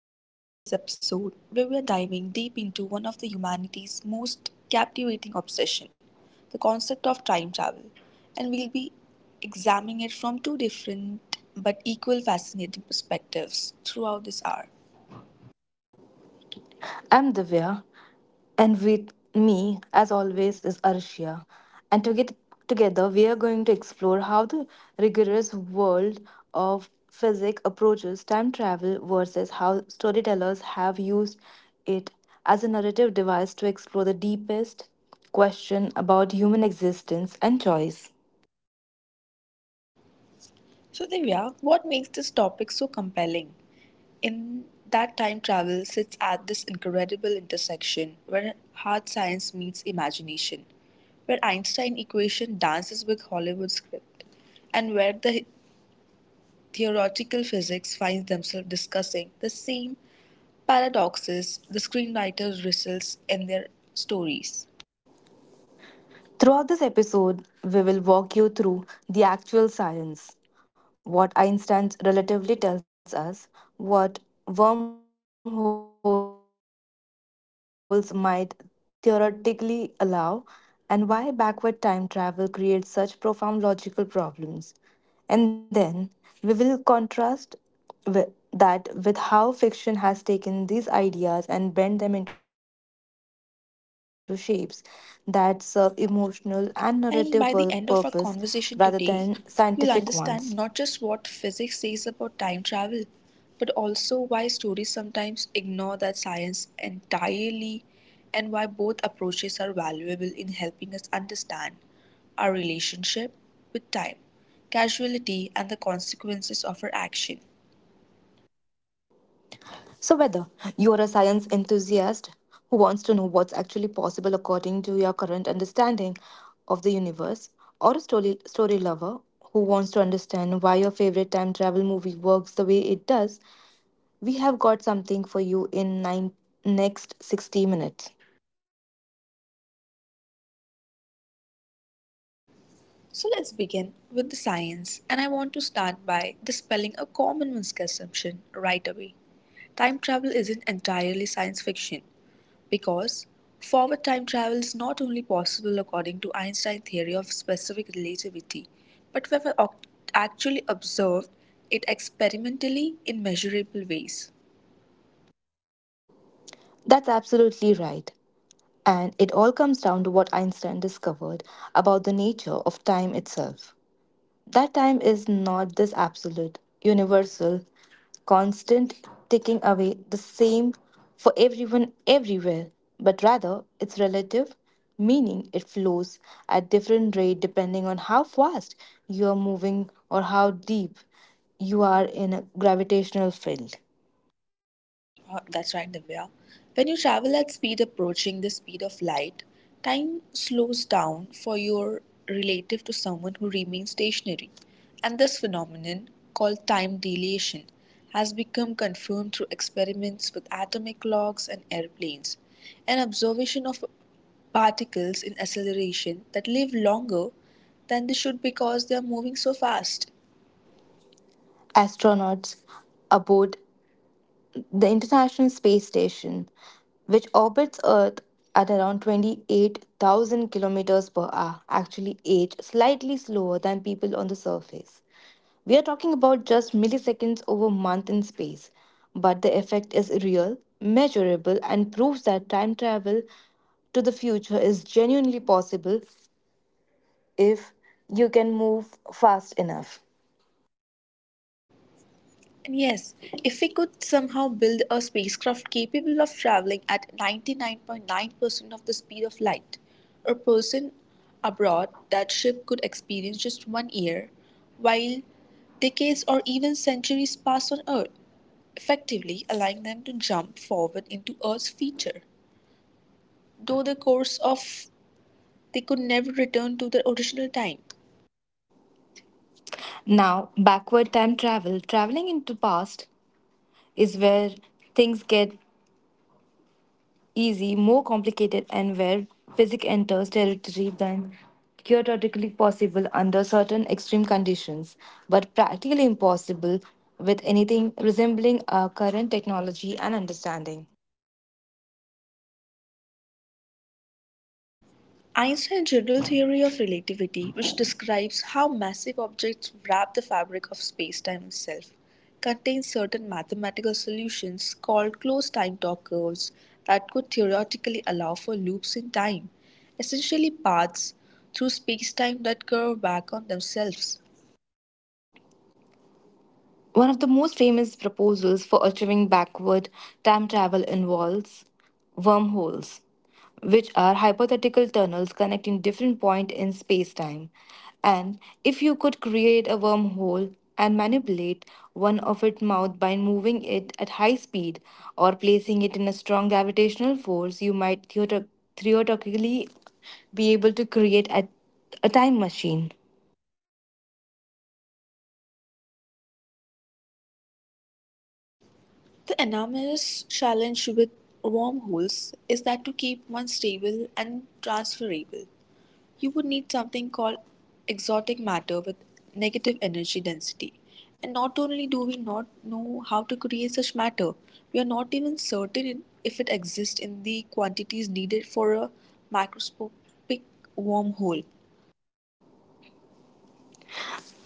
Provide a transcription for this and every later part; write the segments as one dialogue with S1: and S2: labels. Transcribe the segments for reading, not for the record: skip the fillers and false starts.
S1: Welcome to today's episode, where we are diving deep into one of the humanity's most captivating obsession, the concept of time travel, and we'll be examining it from two different but equal fascinating perspectives throughout this hour.
S2: I'm Divya, and with me, as always, is Arshia. And to get together, we are going to explore how the rigorous world of physics approaches time travel versus how storytellers have used it as a narrative device to explore the deepest question about human existence and choice.
S1: So Divya, what makes this topic so compelling? In that time travel sits at this incredible intersection where hard science meets imagination, where Einstein equation dances with Hollywood script, and where the Theoretical physics finds themselves discussing the same paradoxes the screenwriter wrestles in their stories.
S2: Throughout this episode, we will walk you through the actual science, what Einstein's relativity tells us, what wormholes might theoretically allow, and why backward time travel creates such profound logical problems. And then we will contrast with that with how fiction has taken these ideas and bent them into shapes that serve emotional and narrative
S1: And
S2: pur-
S1: by the end of our
S2: purpose
S1: conversation
S2: rather
S1: today,
S2: than
S1: you'll
S2: scientific ones.
S1: understand not just what physics says about time travel, but also why stories sometimes ignore that science entirely and why both approaches are valuable in helping us understand our relationship with time, causality, and the consequences of our action.
S2: So, whether you're a science enthusiast who wants to know what's actually possible according to your current understanding of the universe, or a story lover who wants to understand why your favorite time travel movie works the way it does, we have got something for you in next 60 minutes.
S1: So let's begin with the science, and I want to start by dispelling a common misconception right away. Time travel isn't entirely science fiction because forward time travel is not only possible according to Einstein's theory of specific relativity, but we have actually observed it experimentally in measurable ways.
S2: That's absolutely right. And it all comes down to what Einstein discovered about the nature of time itself. That time is not this absolute, universal, constant ticking away the same for everyone everywhere, but rather it's relative, meaning it flows at different rate depending on how fast you are moving or how deep you are in a gravitational field.
S1: That's right, Divya. When you travel at speed approaching the speed of light, time slows down for your relative to someone who remains stationary. And this phenomenon, called time dilation, has become confirmed through experiments with atomic clocks and airplanes. An observation of particles in acceleration that live longer than they should because they are moving so fast.
S2: Astronauts aboard the International Space Station, which orbits Earth at around 28,000 kilometers per hour, actually age slightly slower than people on the surface. We are talking about just milliseconds over month in space, but the effect is real, measurable, and proves that time travel to the future is genuinely possible if you can move fast enough.
S1: And yes, if we could somehow build a spacecraft capable of traveling at 99.9% of the speed of light, a person abroad that ship could experience just one year, while decades or even centuries pass on Earth, effectively allowing them to jump forward into Earth's future, though the course of they could never return to their original time.
S2: Now, backward time travel, traveling into the past, is where things get easy, more complicated, and where physics enters territory than theoretically possible under certain extreme conditions, but practically impossible with anything resembling our current technology and understanding.
S1: Einstein's general theory of relativity, which describes how massive objects wrap the fabric of spacetime itself, contains certain mathematical solutions called closed time-torque curves that could theoretically allow for loops in time, essentially paths through spacetime that curve back on themselves.
S2: One of the most famous proposals for achieving backward time travel involves wormholes, which are hypothetical tunnels connecting different points in space-time. And if you could create a wormhole and manipulate one of its mouth by moving it at high speed or placing it in a strong gravitational force, you might theoretically be able to create a time machine.
S1: The enormous challenge with wormholes is that to keep one stable and transferable. You would need something called exotic matter with negative energy density. And not only do we not know how to create such matter, we are not even certain if it exists in the quantities needed for a macroscopic wormhole.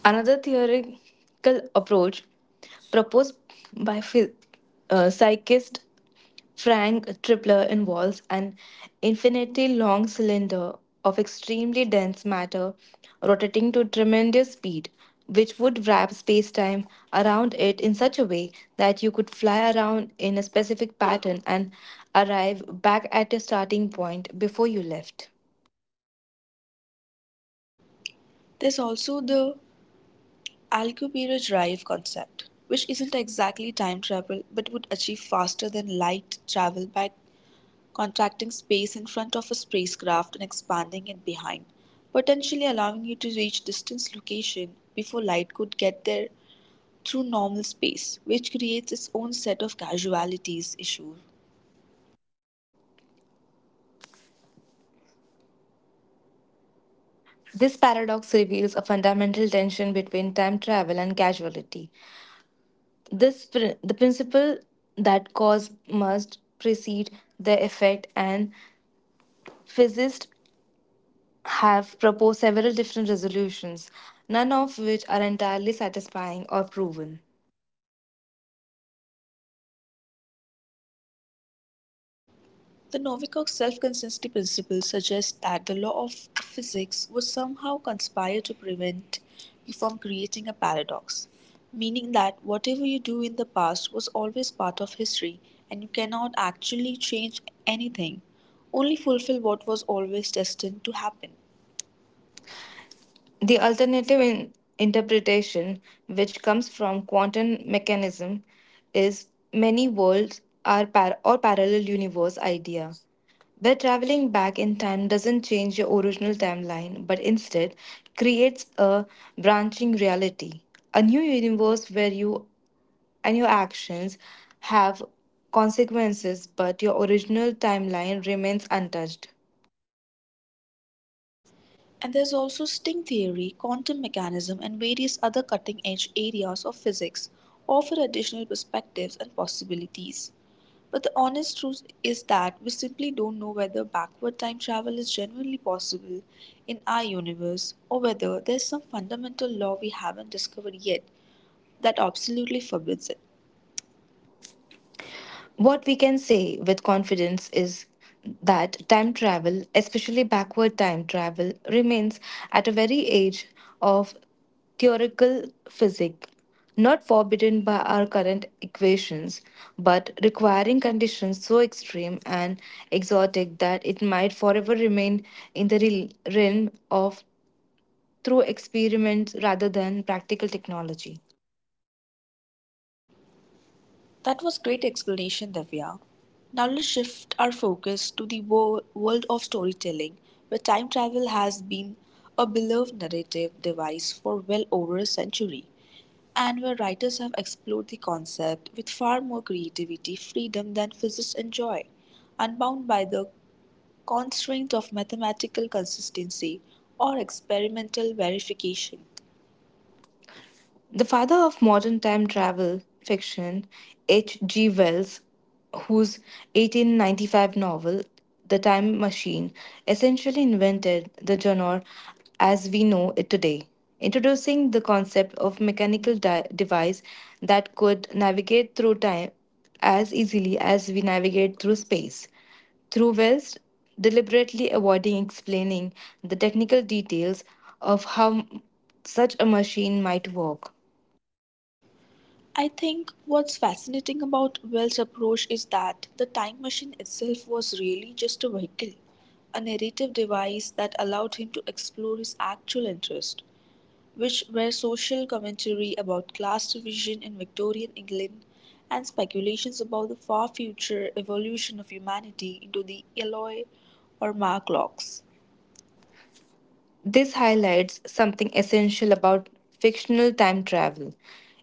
S2: Another theoretical approach proposed by psychist Frank Tripler involves an infinitely long cylinder of extremely dense matter rotating to tremendous speed, which would wrap space time around it in such a way that you could fly around in a specific pattern and arrive back at your starting point before you left.
S1: There's also the Alcubierre drive concept, which isn't exactly time travel but would achieve faster than light travel by contracting space in front of a spacecraft and expanding it behind, potentially allowing you to reach distant location before light could get there through normal space, which creates its own set of casualties issues.
S2: This paradox reveals a fundamental tension between time travel and causality, the principle that cause must precede the effect, and physicists have proposed several different resolutions, none of which are entirely satisfying or proven.
S1: The Novikov self consistency principle suggests that the law of physics would somehow conspire to prevent you from creating a paradox, meaning that whatever you do in the past was always part of history and you cannot actually change anything, only fulfill what was always destined to happen.
S2: The alternative in interpretation, which comes from quantum mechanism, is many worlds or parallel universe idea, where traveling back in time doesn't change your original timeline, but instead creates a branching reality, a new universe where you and your actions have consequences, but your original timeline remains untouched.
S1: And there's also string theory, quantum mechanism, and various other cutting edge areas of physics offer additional perspectives and possibilities. But the honest truth is that we simply don't know whether backward time travel is genuinely possible in our universe or whether there's some fundamental law we haven't discovered yet that absolutely forbids it.
S2: What we can say with confidence is that time travel, especially backward time travel, remains at a very age of theoretical physics, not forbidden by our current equations, but requiring conditions so extreme and exotic that it might forever remain in the realm of through experiments rather than practical technology.
S1: That was great explanation, Divya. Now let's shift our focus to the world of storytelling, where time travel has been a beloved narrative device for well over a century, and where writers have explored the concept with far more creativity, freedom than physicists enjoy, unbound by the constraints of mathematical consistency or experimental verification.
S2: The father of modern time travel fiction, H.G. Wells, whose 1895 novel, The Time Machine, essentially invented the genre as we know it today, introducing the concept of mechanical device that could navigate through time as easily as we navigate through space through Wells deliberately avoiding explaining the technical details of how such a machine might work.
S1: I think what's fascinating about Wells' approach is that the time machine itself was really just a vehicle, a narrative device that allowed him to explore his actual interests, which were social commentary about class division in Victorian England and speculations about the far future evolution of humanity into the Eloi or Mark locks.
S2: This highlights something essential about fictional time travel.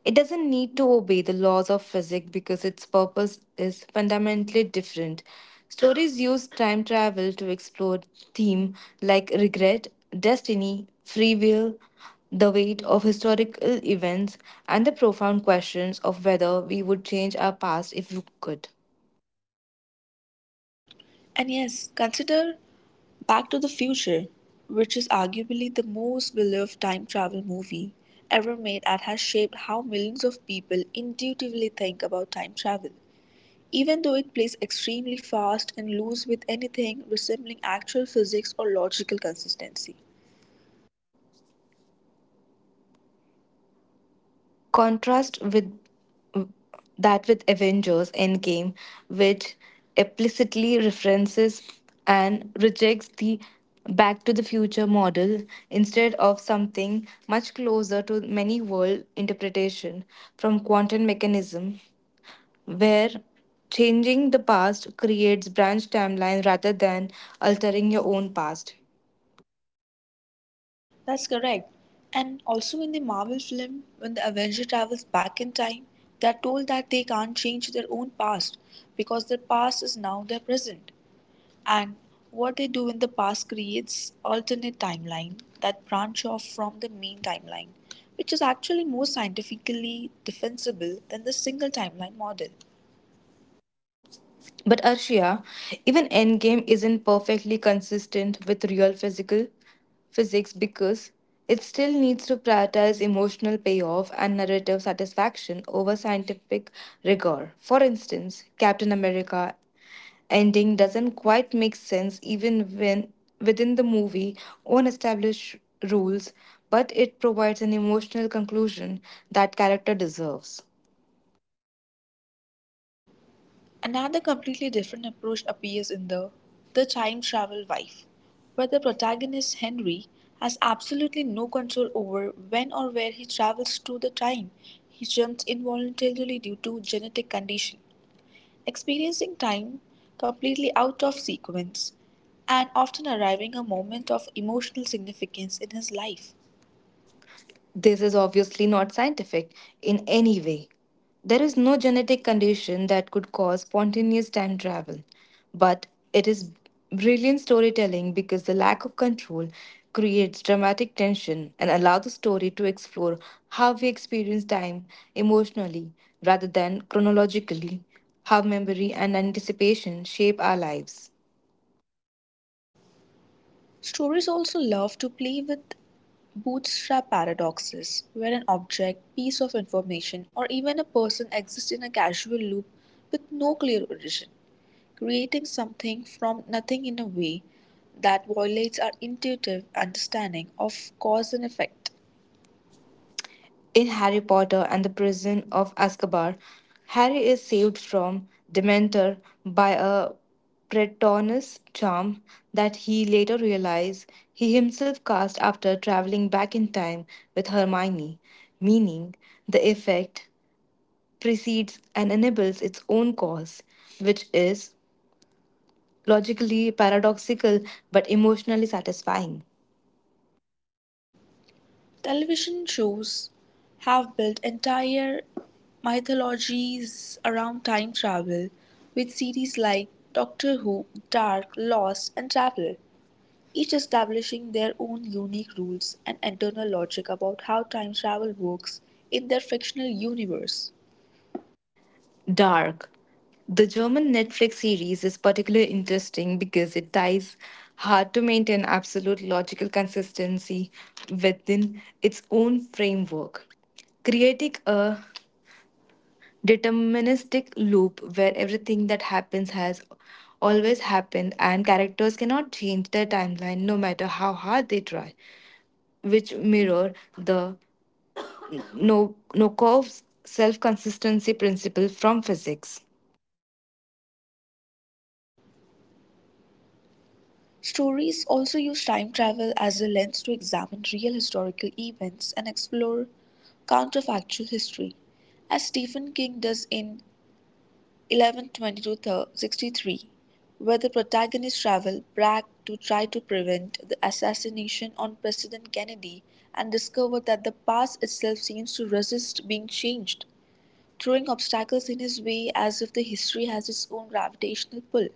S2: It doesn't need to obey the laws of physics because its purpose is fundamentally different. Stories use time travel to explore themes like regret, destiny, free will, the weight of historical events, and the profound questions of whether we would change our past if we could.
S1: And yes, consider Back to the Future, which is arguably the most beloved time travel movie ever made and has shaped how millions of people intuitively think about time travel. Even though it plays extremely fast and loose with anything resembling actual physics or logical consistency.
S2: Contrast with that with Avengers Endgame, which implicitly references and rejects the Back to the Future model instead of something much closer to many world interpretation from quantum mechanism, where changing the past creates branch timeline rather than altering your own past.
S1: That's correct. And also in the Marvel film, when the Avenger travels back in time, they are told that they can't change their own past because their past is now their present. And what they do in the past creates alternate timeline that branch off from the main timeline, which is actually more scientifically defensible than the single timeline model.
S2: But Arshia, even Endgame isn't perfectly consistent with real physical physics because it still needs to prioritize emotional payoff and narrative satisfaction over scientific rigor. For instance, Captain America ending doesn't quite make sense even when within the movie own established rules, but it provides an emotional conclusion that character deserves.
S1: Another completely different approach appears in The Time Travel Wife, where the protagonist Henry has absolutely no control over when or where he travels through the time. He jumps involuntarily due to genetic condition experiencing time completely out of sequence, and often arriving a moment of emotional significance in his life.
S2: This is obviously not scientific in any way. There is no genetic condition that could cause spontaneous time travel, but it is brilliant storytelling because the lack of control creates dramatic tension and allows the story to explore how we experience time emotionally rather than chronologically, how memory and anticipation shape our lives.
S1: Stories also love to play with bootstrap paradoxes, where an object, piece of information, or even a person exists in a causal loop with no clear origin, creating something from nothing in a way that violates our intuitive understanding of cause and effect.
S2: In Harry Potter and the Prison of Azkaban, Harry is saved from Dementor by a Patronus charm that he later realizes he himself cast after traveling back in time with Hermione, meaning the effect precedes and enables its own cause, which is logically paradoxical but emotionally satisfying.
S1: Television shows have built entire mythologies around time travel, with series like Doctor Who, Dark, Lost, and Travel, each establishing their own unique rules and internal logic about how time travel works in their fictional universe.
S2: Dark, the German Netflix series, is particularly interesting because it ties hard to maintain absolute logical consistency within its own framework, creating a deterministic loop where everything that happens has always happened and characters cannot change their timeline no matter how hard they try, which mirror the Nokov's self-consistency principle from physics.
S1: Stories also use time travel as a lens to examine real historical events and explore counterfactual history, as Stephen King does in 1122, where the protagonists travel back to try to prevent the assassination on President Kennedy and discover that the past itself seems to resist being changed, throwing obstacles in his way as if the history has its own gravitational pull.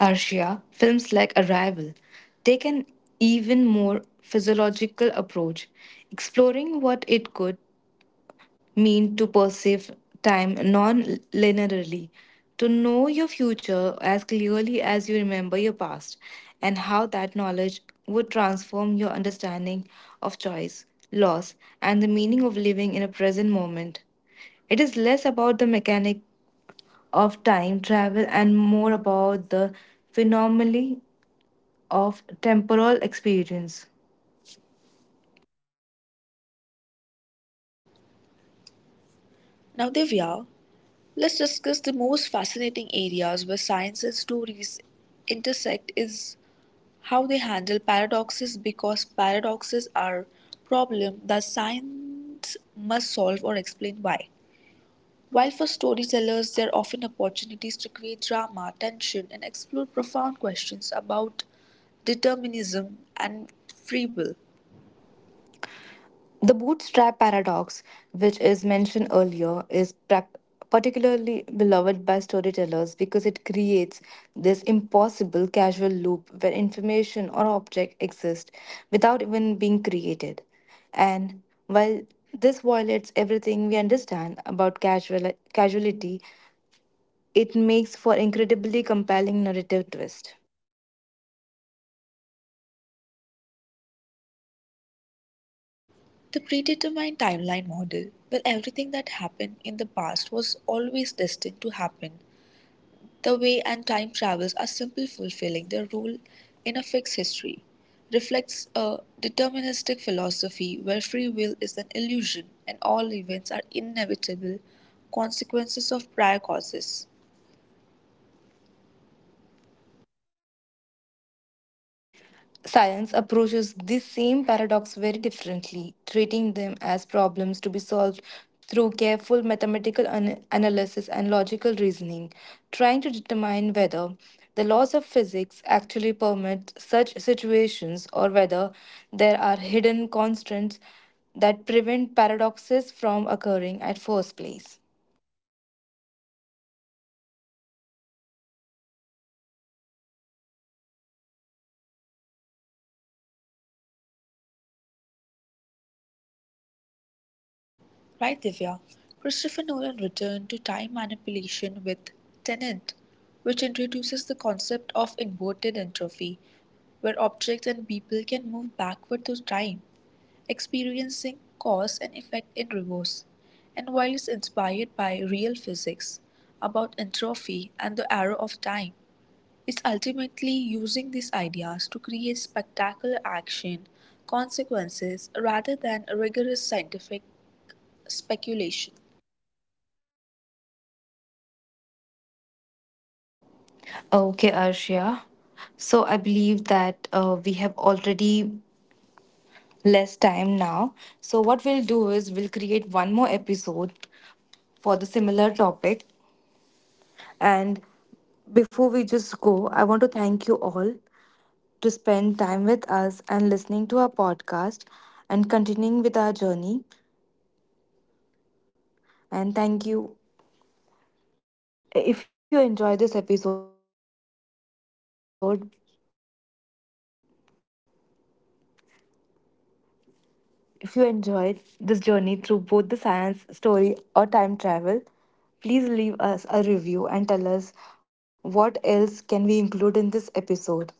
S2: Arshia, films like Arrival take an even more physiological approach, exploring what it could mean to perceive time non linearly, to know your future as clearly as you remember your past, and how that knowledge would transform your understanding of choice, loss, and the meaning of living in a present moment. It is less about the mechanic of time travel and more about the phenomenally of temporal experience.
S1: Now, Divya, let's discuss the most fascinating areas where science and stories intersect is How they handle paradoxes because paradoxes are problem that science must solve or explain why. While for storytellers there are often opportunities to create drama, tension and explore profound questions about determinism and free will.
S2: The bootstrap paradox, which is mentioned earlier, is prac particularly beloved by storytellers because it creates this impossible causal loop where information or object exists without even being created. And while this violates everything we understand about casual casuality, it makes for incredibly compelling narrative twist.
S1: The predetermined timeline model, where everything that happened in the past was always destined to happen The way and time travels are simple fulfilling their role in a fixed history, reflects a deterministic philosophy where free will is an illusion and all events are inevitable consequences of prior causes.
S2: Science approaches this same paradox very differently, treating them as problems to be solved through careful mathematical analysis and logical reasoning, trying to determine whether the laws of physics actually permit such situations or whether there are hidden constants that prevent paradoxes from occurring at first place.
S1: Right, Divya? Christopher Nolan returned to time manipulation with Tenet, which introduces the concept of inverted entropy, where objects and people can move backward through time, experiencing cause and effect in reverse, and while is inspired by real physics about entropy and the arrow of time, is ultimately using these ideas to create spectacular action consequences rather than rigorous scientific speculation.
S2: Okay, Arshia. So I believe that we have already less time now. So, what we'll do is we'll create one more episode for the similar topic. And before we just go, I want to thank you all to spend time with us and listening to our podcast and continuing with our journey. And thank you. If you enjoyed this episode, if you enjoyed this journey through both the science story or time travel, please leave us a review and tell us what else can we include in this episode.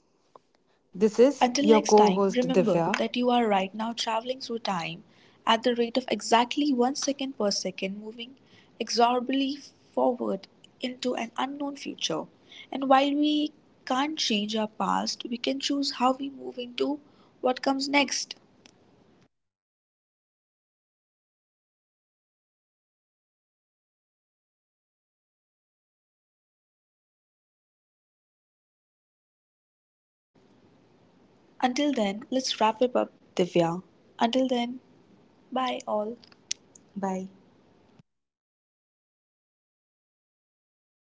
S2: This is
S1: Until
S2: your
S1: next
S2: co
S1: time,
S2: host
S1: remember
S2: Divya,
S1: that you are right now traveling through time at the rate of exactly one second per second, moving inexorably forward into an unknown future. And while we can't change our past, we can choose how we move into what comes next.
S2: and that's pretty amazing all on its own, really.
S1: Until then, let's wrap it up, Divya. Until then, bye all. Bye.
S2: Bye.